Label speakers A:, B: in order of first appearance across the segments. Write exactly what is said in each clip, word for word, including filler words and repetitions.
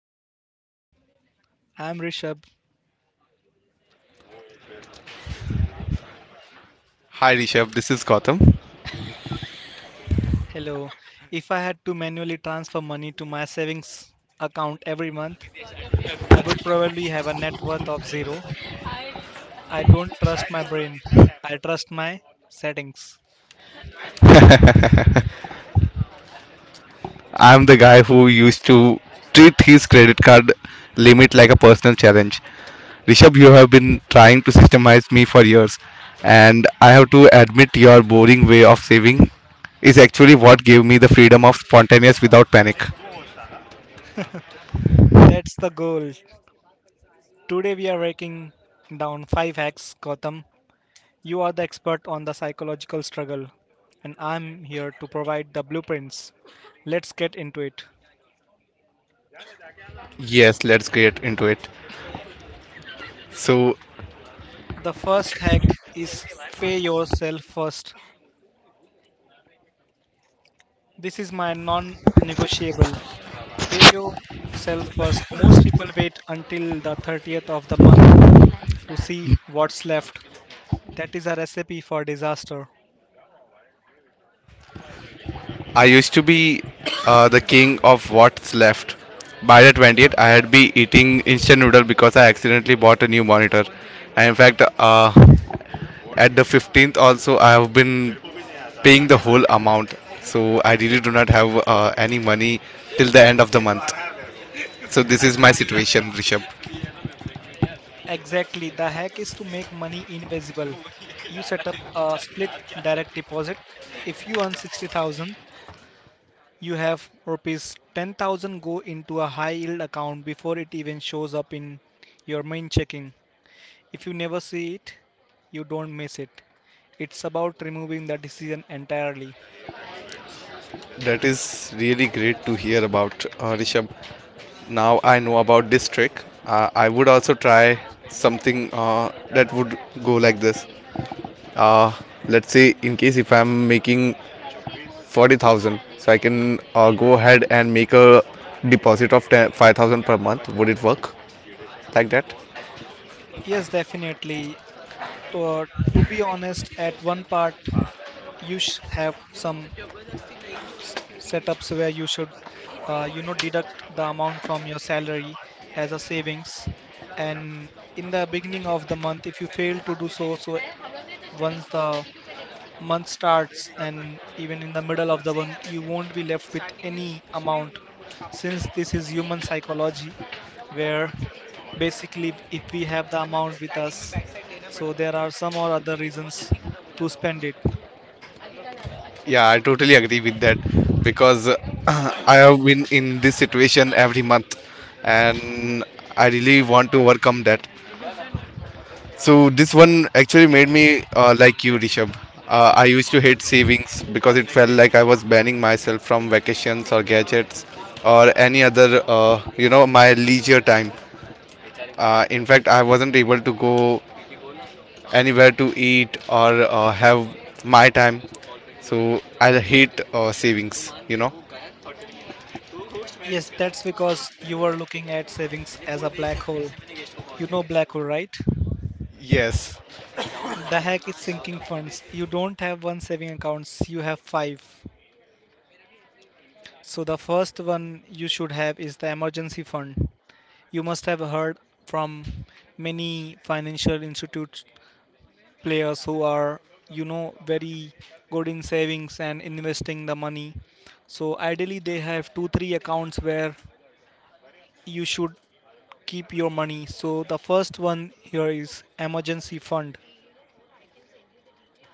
A: the Future Fund. I'm Rishabh.
B: Hi Rishabh, this is Gautam.
A: Hello. If I had to manually transfer money to my savings account every month, I would probably have a net worth of zero. I don't trust my brain. I trust my settings.
B: I'm the guy who used to treat his credit card limit like a personal challenge. Rishabh, you have been trying to systemize me for years, and I have to admit your boring way of saving is actually what gave me the freedom of spontaneous without panic.
A: That's the goal. Today we are breaking down five hacks, Gotham. You are the expert on the psychological struggle, and I'm here to provide the blueprints. Let's get into it.
B: Yes, let's get into it. So,
A: The first hack is pay yourself first. This is my non negotiable. Pay yourself first. Most people wait until the thirtieth of the month to see what's left. That is a recipe for disaster.
B: I used to be uh, the king of what's left. By the twentieth, I had be eating instant noodle because I accidentally bought a new monitor. And in fact, uh, at the fifteenth also, I have been paying the whole amount. So I really do not have uh, any money till the end of the month. So this is my situation, Rishabh.
A: Exactly. The hack is to make money invisible. You set up a split direct deposit. If you earn sixty thousand, you have rupees ten thousand go into a high yield account before it even shows up in your main checking. If you never see it, you don't miss it. It's about removing the decision entirely.
B: That is really great to hear about, uh, Rishabh. Now I know about this trick. Uh, I would also try something uh, that would go like this. uh, let's say in case if I'm making forty thousand, so I can uh, go ahead and make a deposit of ten five thousand per month. Would it work like that?
A: Yes, definitely. To, uh, to be honest, at one part, you sh- have some setups where you should, uh, you know, deduct the amount from your salary as a savings. And in the beginning of the month, if you fail to do so, so once the month starts, and even in the middle of the month, you won't be left with any amount, since this is human psychology where basically if we have the amount with us, so there are some or other reasons to spend it.
B: Yeah, I totally agree with that because uh, I have been in this situation every month, and I really want to overcome that. So this one actually made me uh, like you, Rishabh. Uh, I used to hate savings because it felt like I was banning myself from vacations or gadgets or any other, uh, you know, my leisure time. Uh, in fact, I wasn't able to go anywhere to eat or uh, have my time. So I hate uh, savings, you know.
A: Yes, that's because you are looking at savings as a black hole. You know, black hole, right?
B: Yes,
A: The hack is sinking funds. You don't have one saving accounts, you have five. So the first one you should have is the emergency fund. You must have heard from many financial institute players who are, you know, very good in savings and investing the money. So ideally, they have two, three accounts where you should keep your money. So the first one here is emergency fund,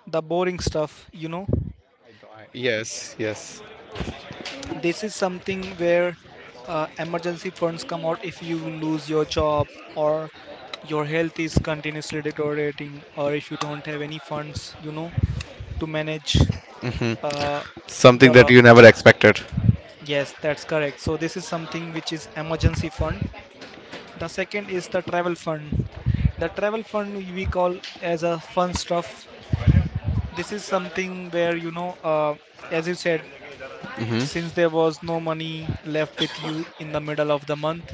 A: the boring stuff, you know.
B: yes, yes.
A: This is something where uh, emergency funds come out if you lose your job or your health is continuously deteriorating, or if you don't have any funds, you know, to manage uh,
B: Something that
A: the
B: you never expected.
A: Yes, that's correct. So this is something which is emergency fund. The second is the travel fund. The travel fund we call as a fun stuff. This is something where, you know uh, as you said, since there was no money left with you in the middle of the month,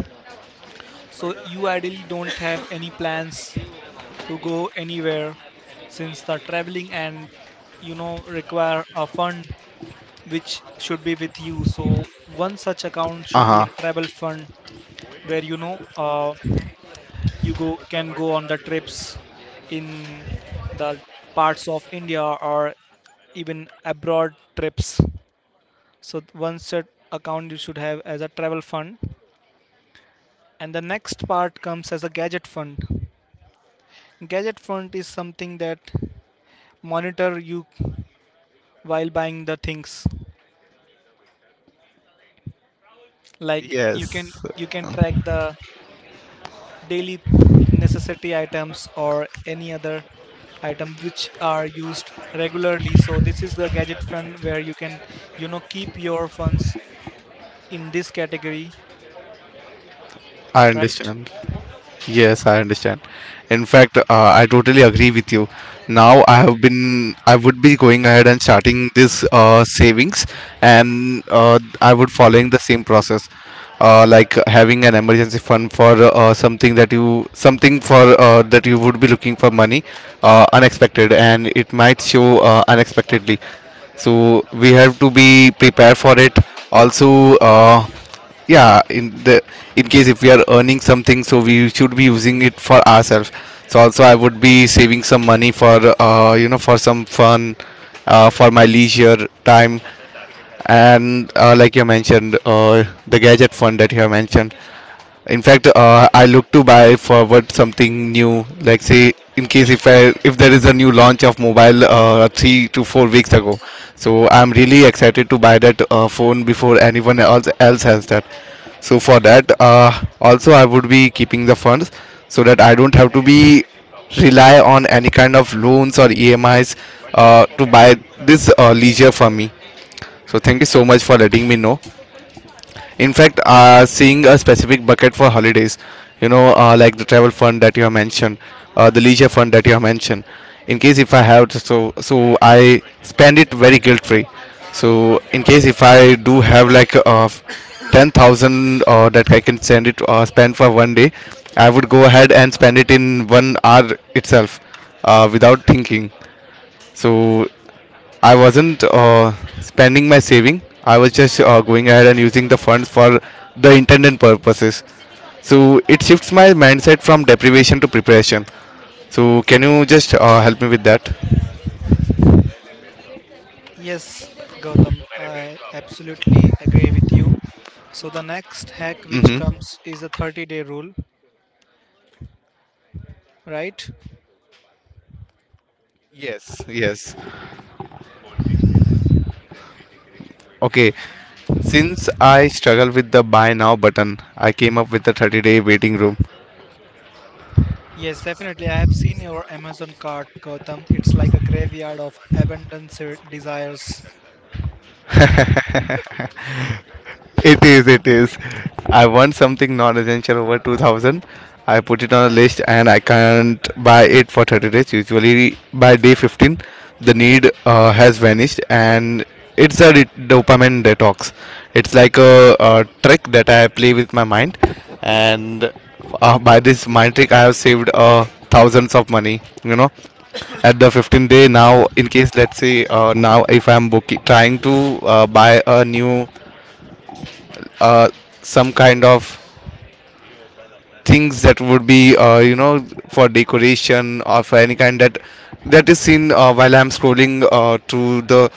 A: so you ideally don't have any plans to go anywhere, since the traveling and, you know, require a fund which should be with you. So one such account
B: Uh
A: should be a
B: huh.
A: travel fund where, you know uh, you go can go on the trips in the parts of India or even abroad trips. So one set account you should have as a travel fund. And the next part comes as a gadget fund. Gadget fund is something that monitor you while buying the things. Like you
B: Yes,
A: can you can track the daily necessity items or any other item which are used regularly. So this is the gadget fund where you can, you know, keep your funds in this category,
B: I
A: right?
B: understand. Yes, I understand. In fact, uh, I totally agree with you. Now I have been, I would be going ahead and starting this uh, savings, and uh, I would following the same process, uh, like having an emergency fund for uh, something that you, something for uh, that you would be looking for money, uh, unexpected, and it might show uh, unexpectedly. So we have to be prepared for it. Also, uh, yeah, in the in case if we are earning something, so we should be using it for ourselves. So also I would be saving some money for uh, you know for some fun, uh, for my leisure time. And uh, like you mentioned, uh, the gadget fund that you have mentioned. In fact, uh, I look to buy forward something new. Like say, in case if I if there is a new launch of mobile uh, three to four weeks ago, so I'm really excited to buy that uh, phone before anyone else else has that. So for that, uh, also I would be keeping the funds so that I don't have to be rely on any kind of loans or E M Is uh, to buy this uh, leisure for me. So thank you so much for letting me know. In fact, uh, seeing a specific bucket for holidays, you know uh, like the travel fund that you have mentioned, uh, the leisure fund that you have mentioned, in case if I have to- so so I spend it very guilt free. So in case if I do have like uh, ten thousand uh, that I can send it uh, spend for one day, I would go ahead and spend it in one hour itself, uh, without thinking. So I wasn't uh, spending my saving. I was just uh, going ahead and using the funds for the intended purposes. So it shifts my mindset from deprivation to preparation. So can you just uh, help me with that?
A: Yes, Gautam, I absolutely agree with you. So the next hack which
B: Mm-hmm.
A: comes is the thirty day rule, right?
B: Yes, yes. Okay. Since I struggle with the buy now button, I came up with the thirty day waiting room.
A: Yes, definitely, I have seen your Amazon cart, Gautam. It's like a graveyard of abundance desires.
B: It is, it is. I want something non-essential over two thousand. I put it on a list and I can't buy it for thirty days. Usually by day fifteen, the need uh, has vanished, and it's a re- dopamine detox. It's like a, a trick that I play with my mind, and uh, by this mind trick I have saved uh, thousands of money, you know. At the fifteenth day now, in case let's say uh, now if I'm booking, trying to uh, buy a new uh, some kind of things that would be uh, you know for decoration or for any kind that that is seen uh, while I'm scrolling uh, through the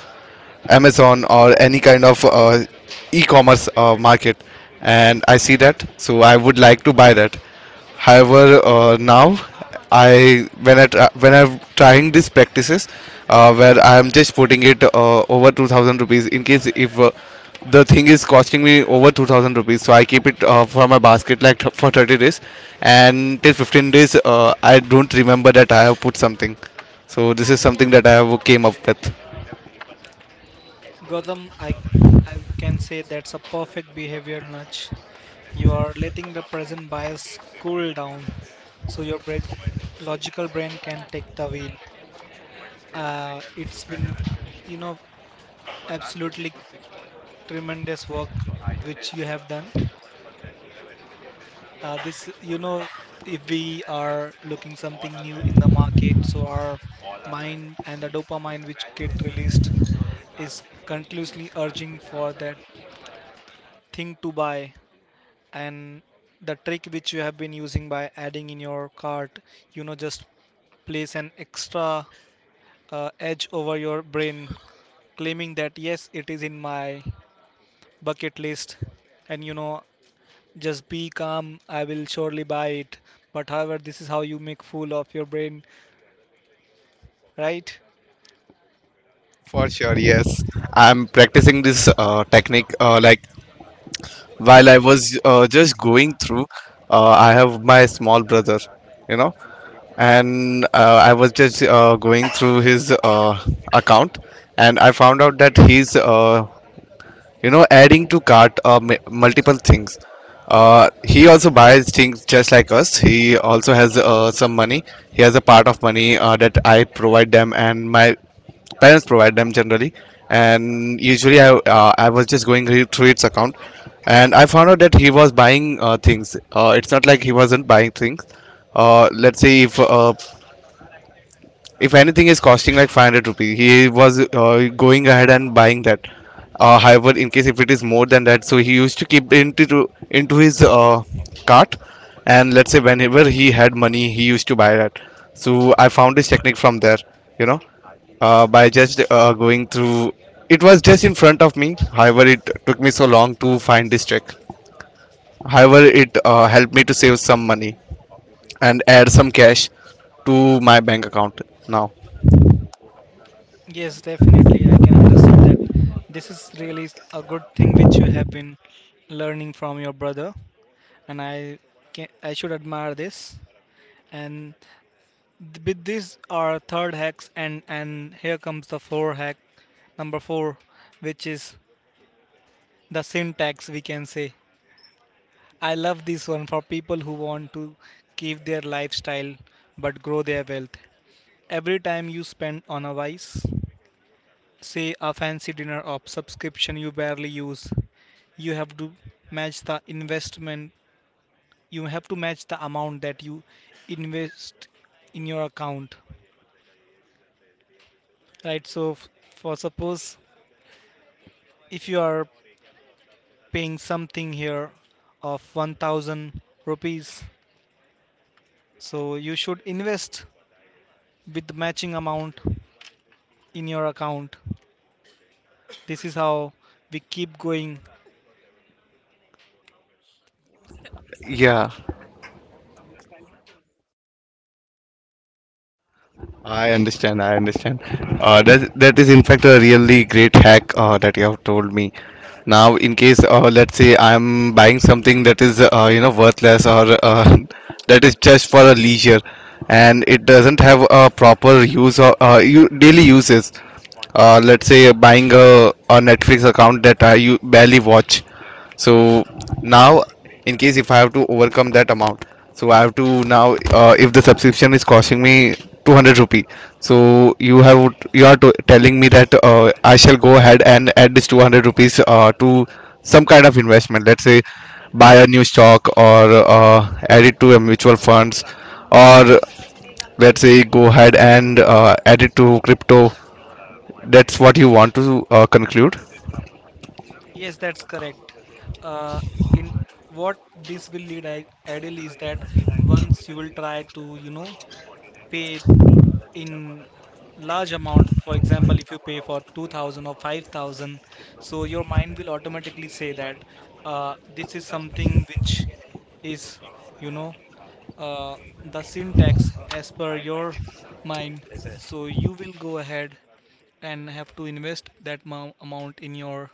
B: Amazon or any kind of uh, e-commerce uh, market, and I see that, so I would like to buy that. However, uh, now I when I tra- when I'm trying these practices, uh, where I am just putting it uh, over two thousand rupees in case if. Uh, the thing is costing me over two thousand rupees, so I keep it uh, for my basket like th- for thirty days, and till fifteen days uh, I don't remember that I have put something. So this is something that I have came up with.
A: Gotham, I, I can say that's a perfect behavior nudge. You are letting the present bias cool down so your bra- logical brain can take the wheel. Uh, it's been, you know, absolutely tremendous work which you have done. Uh, this, you know, if we are looking something new in the market, so our mind and the dopamine which get released is continuously urging for that thing to buy. And the trick which you have been using by adding in your cart, you know, just place an extra uh, edge over your brain, claiming that yes, it is in my bucket list, and you know, just be calm, I will surely buy it. But however, this is how you make fool of your brain, right?
B: For sure, yes. I'm practicing this uh, technique. Uh, like while I was uh, just going through, uh, I have my small brother, you know, and uh, I was just uh, going through his uh, account, and I found out that he's uh, you know adding to cart uh, m- multiple things. Uh, he also buys things just like us. He also has uh, some money. He has a part of money uh, that I provide them, and my parents provide them generally. And usually i, uh, I was just going re- through its account, and I found out that he was buying uh, things. Uh, it's not like he wasn't buying things. Uh, let's say if uh, if anything is costing like five hundred rupees, he was uh, going ahead and buying that. Uh, however, in case if it is more than that, so he used to keep into into his uh, cart, and let's say whenever he had money, he used to buy that. So I found this technique from there, you know, uh, by just uh, going through. It was just in front of me. However, it took me so long to find this trick. However, it uh, helped me to save some money and add some cash to my bank account now.
A: Yes, definitely, I can understand that. This is really a good thing which you have been learning from your brother, and i can, i should admire this. And Th- With these are third hacks, and and here comes the four hack number four, which is the syntax we can say. I love this one for people who want to keep their lifestyle but grow their wealth. Every time you spend on a vice, say a fancy dinner or subscription you barely use, you have to match the investment. You have to match the amount that you invest in your account, right? So f- for suppose if you are paying something here of one thousand rupees, so you should invest with the matching amount in your account. This is how we keep going.
B: Yeah. I understand. I understand. Uh, that that is in fact a really great hack uh, that you have told me. Now, in case uh, let's say I'm buying something that is uh, you know worthless or uh, that is just for a leisure, and it doesn't have a proper use or uh, u- daily uses. Uh, let's say buying a, a Netflix account that I u- barely watch. So now in case if I have to overcome that amount, so I have to now, uh, if the subscription is costing me two hundred rupee, so you have you are to, telling me that uh, I shall go ahead and add this two hundred rupees uh, to some kind of investment. Let's say buy a new stock or uh, add it to a mutual funds, or let's say go ahead and uh, add it to crypto. That's what you want to uh, conclude?
A: Yes, that's correct. Uh, in what this will lead I, ideally is that once you will try to, you know, pay in large amount, for example if you pay for two thousand or five thousand, so your mind will automatically say that, uh, this is something which is, you know, uh, the syntax as per your mind. So you will go ahead and have to invest that mou- amount in your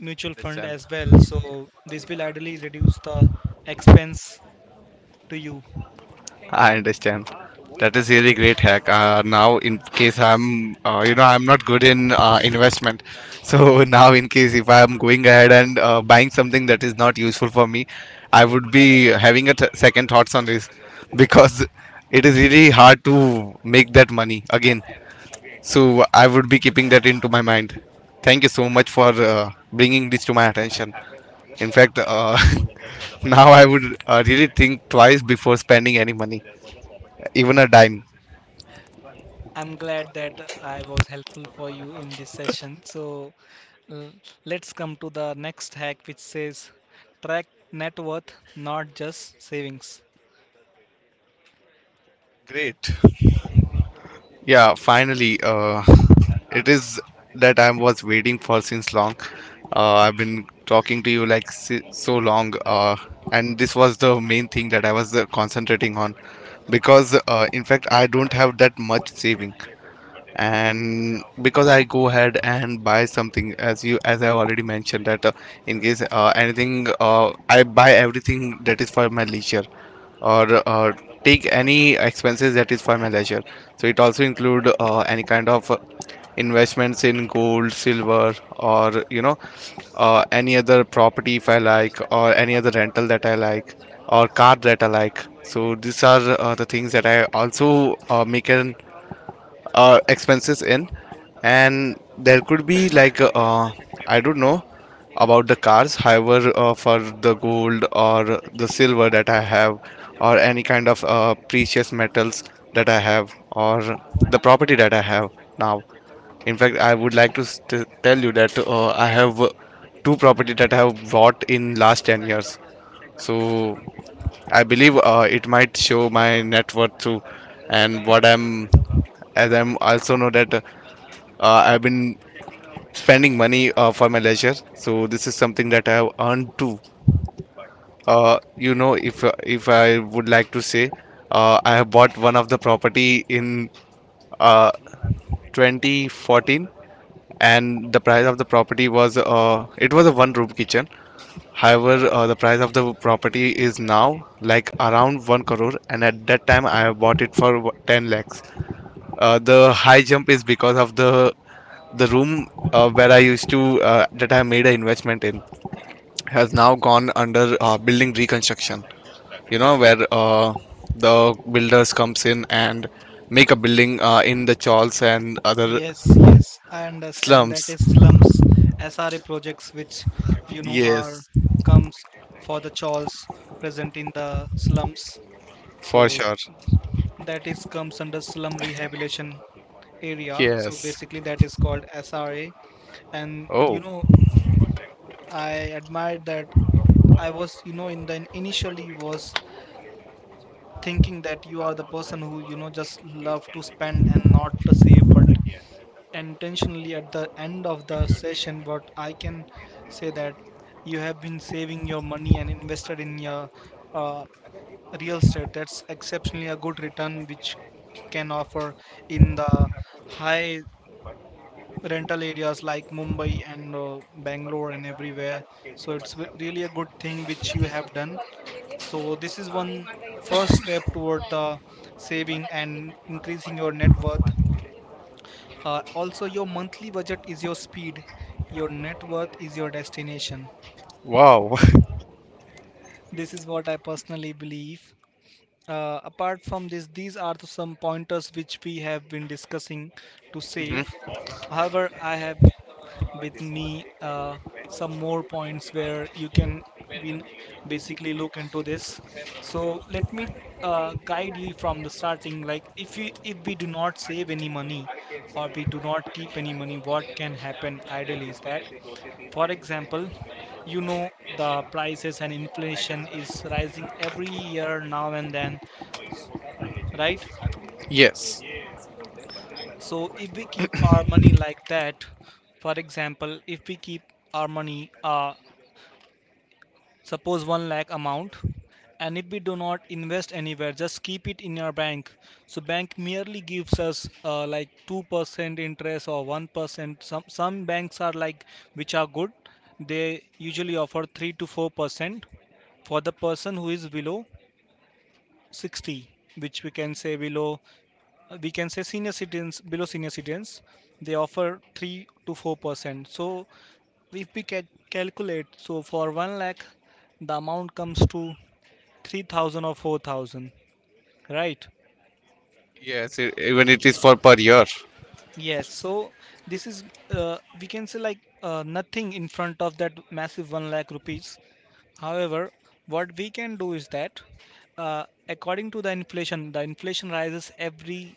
A: mutual fund
B: Understand.
A: as well. So this will ideally reduce the expense to you.
B: I understand. That is really great hack. Uh, now, in case I'm, uh, you know, I'm not good in uh, investment. So now, in case if I'm going ahead and uh, buying something that is not useful for me, I would be having a t second thoughts on this because it is really hard to make that money again. So I would be keeping that into my mind. Thank you so much for uh, bringing this to my attention. In fact, uh, now I would uh, really think twice before spending any money, even a dime.
A: I'm glad that I was helpful for you in this session. So l- let's come to the next hack, which says track net worth, not just savings.
B: Great. Yeah, finally, uh, it is that I was waiting for since long. Uh, I've been talking to you like si- so long, uh, and this was the main thing that I was uh, concentrating on because, uh, in fact, I don't have that much saving. And because I go ahead and buy something, as you as I already mentioned that uh, in case uh, anything uh, I buy everything that is for my leisure or uh, take any expenses that is for my leisure. So it also include uh, any kind of uh, investments in gold, silver, or you know uh, any other property if I like, or any other rental that I like, or car that I like. So these are uh, the things that I also uh, make an uh, expenses in. And there could be like uh, I don't know about the cars. However, uh, for the gold or the silver that I have, or any kind of uh, precious metals that I have, or the property that I have now. In fact, I would like to st- tell you that uh, I have uh, two property that I have bought in last ten years. So I believe uh, it might show my net worth too, and what I'm, as I'm also know that uh, I've been spending money uh, for my leisure. So this is something that I have earned too. Uh, you know, if uh, if I would like to say, uh, I have bought one of the property in uh, twenty fourteen, and the price of the property was uh, it was a one room kitchen. However, uh, the price of the property is now like around one crore, and at that time I have bought it for ten lakhs. Uh, the high jump is because of the the room uh, where I used to uh, that I made an investment in has now gone under uh, building reconstruction, you know, where uh, the builders comes in and make a building uh, in the chawls and other
A: Yes, yes, I understand that
B: slums.
A: is slums, S R A projects, which you know are
B: Yes.
A: comes for the chores present in the slums.
B: For
A: So
B: sure.
A: that is comes under slum rehabilitation area. So
B: Yes.
A: basically, that is called S R A. And you
B: Oh,
A: know, I admired that I was, you know, in the initially was thinking that you are the person who, you know, just love to spend and not to save, but intentionally at the end of the session, what I can say that you have been saving your money and invested in your uh, real estate. That's exceptionally a good return, which can offer in the high rental areas like Mumbai and uh, Bangalore and everywhere. So it's w- really a good thing which you have done. So this is one first step toward the saving and increasing your net worth. Uh, also, your monthly budget is your speed, your net worth is your destination.
B: wow.
A: This is what I personally believe. Uh, apart from this, these are the some pointers which we have been discussing to save.
B: Mhm.
A: However, I have with me uh, some more points where you can win, basically look into this. So let me uh, guide you from the starting. Like if we if we do not save any money or we do not keep any money, what can happen ideally is that, for example, you know, the prices and inflation is rising every year now and then, right?
B: Yes.
A: So if we keep our money like that, for example, if we keep our money uh, suppose one lakh amount, and if we do not invest anywhere, just keep it in your bank. So bank merely gives us uh, like two percent interest or one percent. Some some banks are like which are good, they usually offer three to four percent for the person who is below sixty, which we can say below, uh, we can say senior citizens, below senior citizens, they offer three to 4 percent. So if we can calculate, so for one lakh, the amount comes to three thousand or four thousand, right?
B: Yes, e- even it is for per year.
A: Yes, so this is, uh, we can say like, uh, nothing in front of that massive one lakh rupees. However, what we can do is that, uh, according to the inflation, the inflation rises every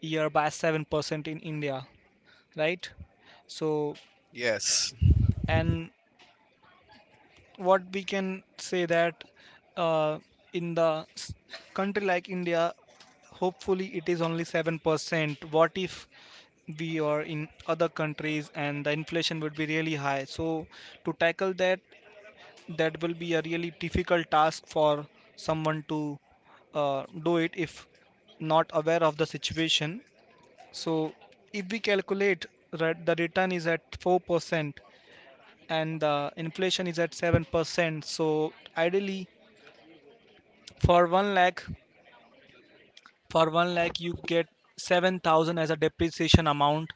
A: year by seven percent in India, right? So
B: Yes.
A: and what we can say that, uh, in the s- country like India, hopefully it is only seven percent. What if we are in other countries and the inflation would be really high? So to tackle that, that will be a really difficult task for someone to uh, do it if not aware of the situation. So if we calculate that the return is at four percent, and the inflation is at seven percent, so ideally for one lakh for one lakh you get seven thousand as a depreciation amount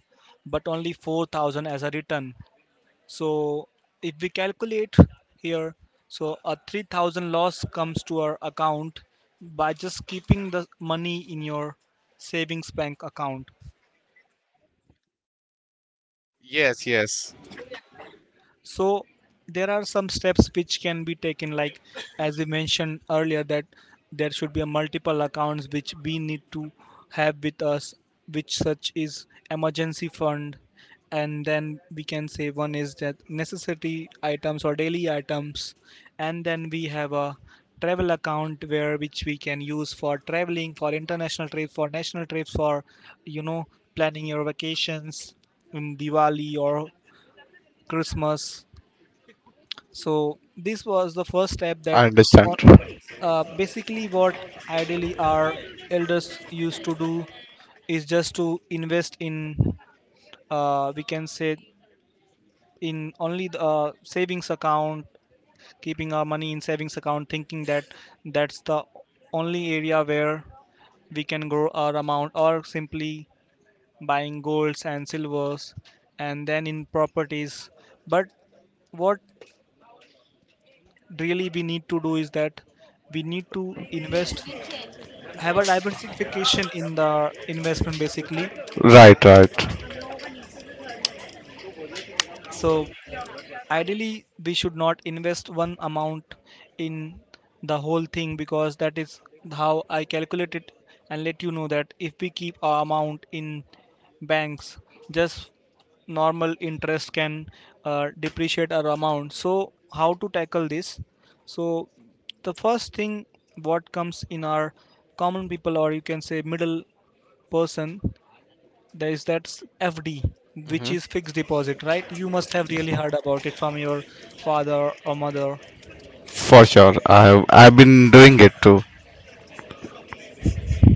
A: but only four thousand as a return. So if we calculate here, so a three thousand loss comes to our account by just keeping the money in your savings bank account.
B: Yes, yes.
A: So there are some steps which can be taken, like as we mentioned earlier, that there should be a multiple accounts which we need to have with us, which such is emergency fund, and then we can say one is that necessity items or daily items, and then we have a travel account where which we can use for traveling, for international trips, for national trips, for you know planning your vacations in Diwali or Christmas. So this was the first step.
B: I
A: that
B: understand.
A: on, uh, basically what ideally our elders used to do is just to invest in, uh, we can say, in only the uh, savings account, keeping our money in savings account, thinking that that's the only area where we can grow our amount, or simply buying golds and silvers and then in properties. But what really we need to do is that we need to invest, have a diversification in the investment basically.
B: Right, right.
A: So ideally we should not invest one amount in the whole thing, because that is how I calculate it and let you know that if we keep our amount in banks, just normal interest can uh, depreciate our amount. So how to tackle this? So the first thing what comes in our common people, or you can say middle person, there is that s- F D, which
B: Hmm.
A: is fixed deposit, right? You must have really heard about it from your father or mother.
B: For sure. I have, I've been doing it too.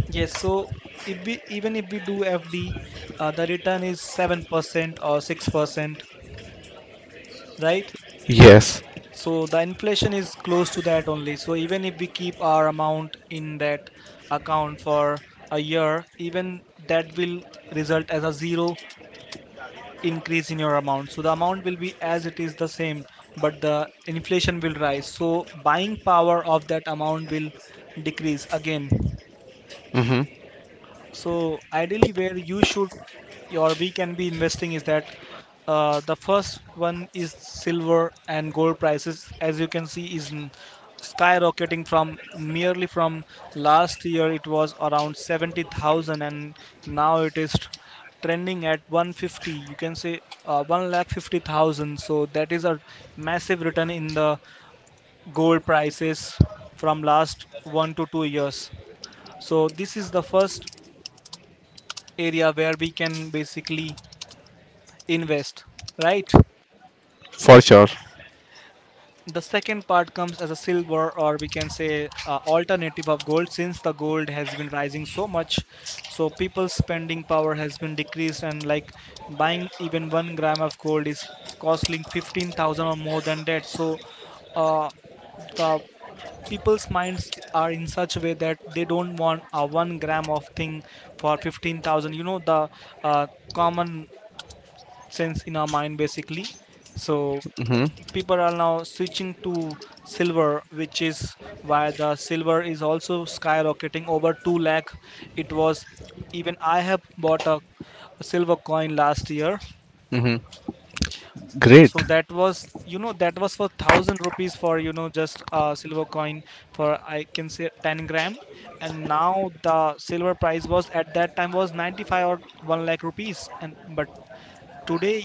A: Yes, so if we even if we do F D, uh, the return is seven percent or six percent, right?
B: Yes.
A: So the inflation is close to that only. So even if we keep our amount in that account for a year, even that will result as a zero increase in your amount, so the amount will be as it is the same, but the inflation will rise so buying power of that amount will decrease again.
B: Hmm.
A: So ideally, where you should, or we can be investing, is that, uh, the first one is silver and gold prices. As you can see, is n- skyrocketing from merely from last year. It was around seventy thousand and now it is trending at one fifty, you can say, uh, one lakh fifty thousand. So that is a massive return in the gold prices from last one to two years. So this is the first area where we can basically invest, right?
B: For sure.
A: The second part comes as a silver, or we can say, uh, alternative of gold. Since the gold has been rising so much, so people's spending power has been decreased, and like buying even one gram of gold is costing fifteen thousand or more than that. So uh, the people's minds are in such a way that they don't want a one gram of thing for fifteen thousand you know The uh, common sense in our mind basically. So
B: Hmm.
A: people are now switching to silver, which is why the silver is also skyrocketing over two lakh. It was, even I have bought a, a silver coin last year.
B: Great.
A: So that was, you know that was for one thousand rupees, for you know just a silver coin, for I can say ten gram. And now the silver price was, at that time, was ninety-five or one lakh rupees, and but today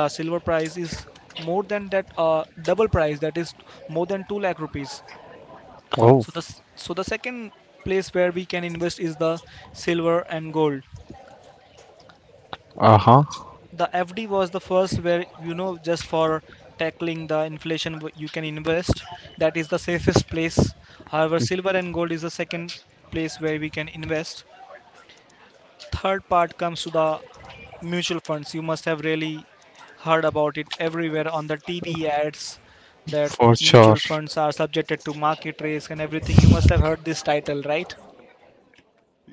A: the silver price is more than that, uh, double price, that is more than two lakh rupees.
B: Oh.
A: So the, so the second place where we can invest is the silver and gold.
B: Uh-huh.
A: The FD was the first, where you know just for tackling the inflation you can invest, that is the safest place. However, silver and gold is the second place where we can invest. Third part comes to the mutual funds. You must have really heard about it everywhere on the T V ads, that
B: For sure.
A: mutual funds are subjected to market risk and everything. You must have heard this title, right?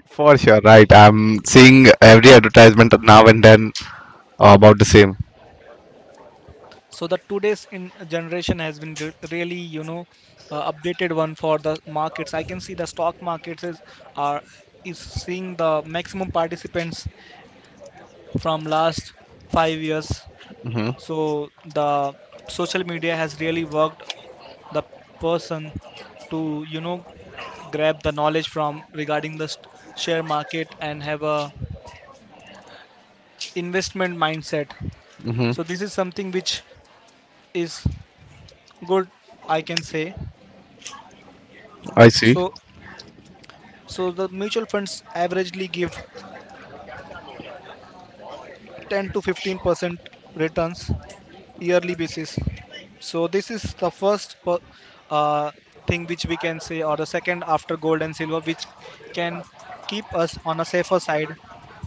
B: For sure, right. I'm seeing every advertisement now and then about the same.
A: So the today's in generation has been re- really, you know, uh, updated one for the markets. I can see the stock markets is are is seeing the maximum participants from last five years. So the social media has really worked the person to you know grab the knowledge from regarding the st- share market and have a investment mindset.
B: Hmm.
A: So this is something which is good, I can say.
B: I see.
A: So so the mutual funds averagely give ten to fifteen percent returns, yearly basis. So this is the first per, uh, thing which we can say, or the second after gold and silver, which can keep us on a safer side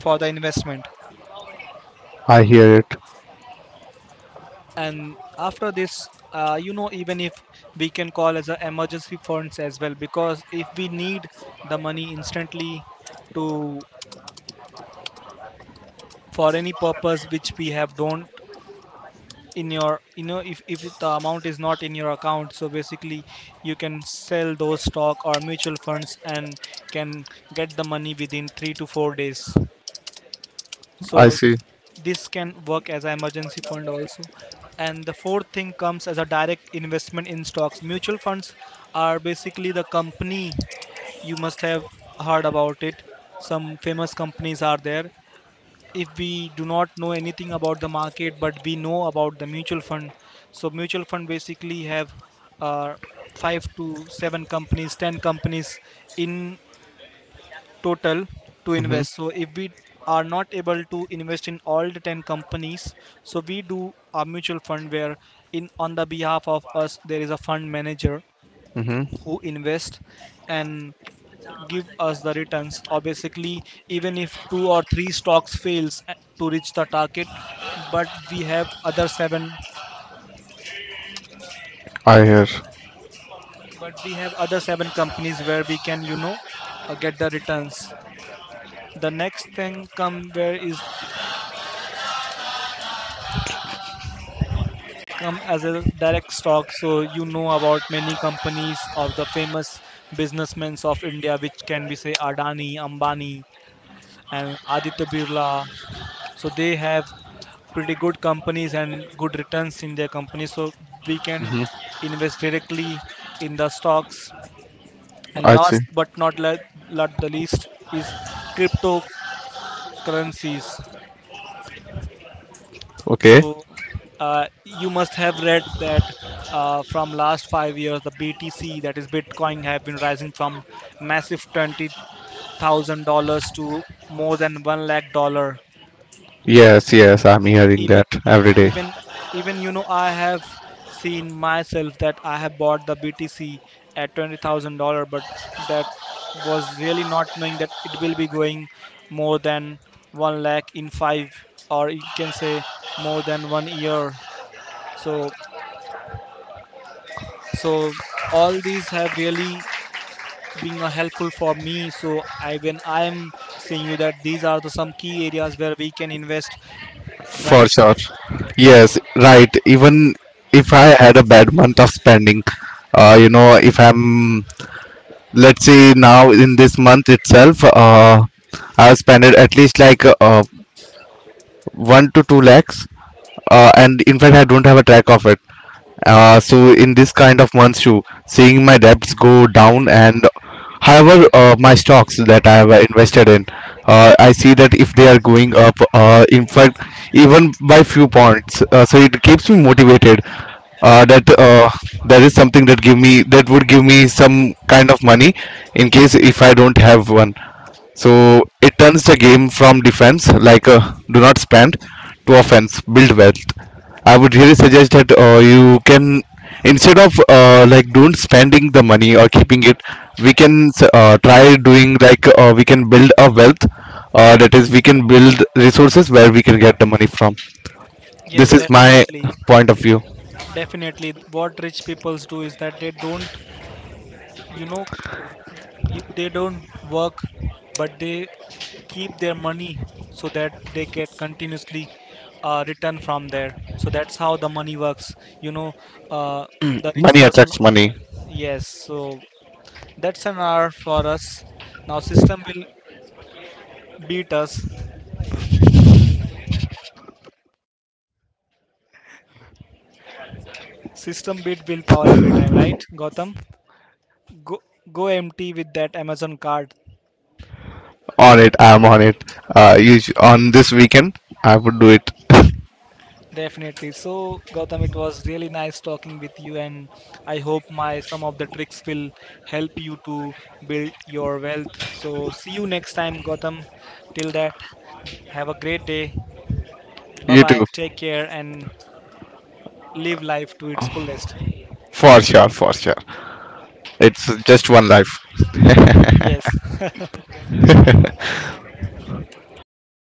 A: for the investment.
B: I hear it.
A: And after this, uh, you know even if we can call as a emergency funds as well, because if we need the money instantly to for any purpose which we have don't in your, you know if, if the amount is not in your account, so basically you can sell those stock or mutual funds and can get the money within three to four days.
B: I
A: So
B: see.
A: this can work as an emergency fund also. And the fourth thing comes as a direct investment in stocks. Mutual funds are basically the company, you must have heard about it, some famous companies are there. If we do not know anything about the market, but we know about the mutual fund, so mutual fund basically have uh, five to seven companies, ten companies in total, to
B: Mhm.
A: invest. So if we are not able to invest in all the ten companies, so we do a mutual fund where in on the behalf of us there is a fund manager
B: Mm-hmm.
A: who invest and give us the returns, or basically even if two or three stocks fails, uh, to reach the target, but we have other seven,
B: I hear.
A: but we have other seven companies where we can you know uh, get the returns. The next thing come where is come as a direct stock. So you know about many companies of the famous businessmen of India, which can be say Adani, Ambani, and Aditya Birla. So they have pretty good companies and good returns in their companies. So we can invest directly in the stocks. And
B: I see.
A: last but not le- not the least is cryptocurrencies.
B: Okay.
A: So uh, you must have read that, uh, from last five years, the B T C, that is Bitcoin, have been rising from massive twenty thousand dollars to more than one lakh dollar.
B: Yes, yes, I'm hearing
A: Even,
B: that every day.
A: even, even you know, I have seen myself that I have bought the B T C at twenty thousand dollar, but that was really not knowing that it will be going more than one lakh in five, or you can say, more than one year. So so all these have really been uh, helpful for me. So I when I am saying you that these are the some key areas where we can invest,
B: For
A: right?
B: sure. Yes, right. Even if I had a bad month of spending, uh, you know, if I'm, let's say now in this month itself, uh, I've spent at least like uh, one to two lakhs, uh, and in fact, I don't have a track of it. Uh, so in this kind of months too, seeing my debts go down, and however uh, my stocks that I have invested in, uh, I see that if they are going up, uh, in fact, even by few points, uh, so it keeps me motivated. Uh, that uh, There is something that give me that would give me some kind of money in case if I don't have one. So it turns the game from defense, like uh, do not spend, to offense, build wealth. I would really suggest that uh, you can instead of uh, like don't spending the money or keeping it, we can uh, try doing like uh, we can build a wealth. Uh, that is, we can build resources where we can get the money from. This
A: Yes,
B: is my
A: definitely
B: point of view.
A: definitely what rich peoples do is that they don't, you know w- y- they don't work but they keep their money, so that they get continuously uh, return from there. So that's how the money works you know uh, the rich
B: Money
A: person.
B: attracts money.
A: Yes, so that's an R for us. Now system will beat us. System beat willpower every time, right, Gautam? Go go empty with that Amazon card.
B: On it, I'm on it. Uh, you on this weekend, I would do it.
A: Definitely. So Gautam, it was really nice talking with you, and I hope my some of the tricks will help you to build your wealth. So see you next time, Gautam. Till that, have a great day. Bye
B: You
A: bye.
B: too.
A: Take care, and live life to its fullest.
B: For sure, for sure. It's just one life.
A: Yes.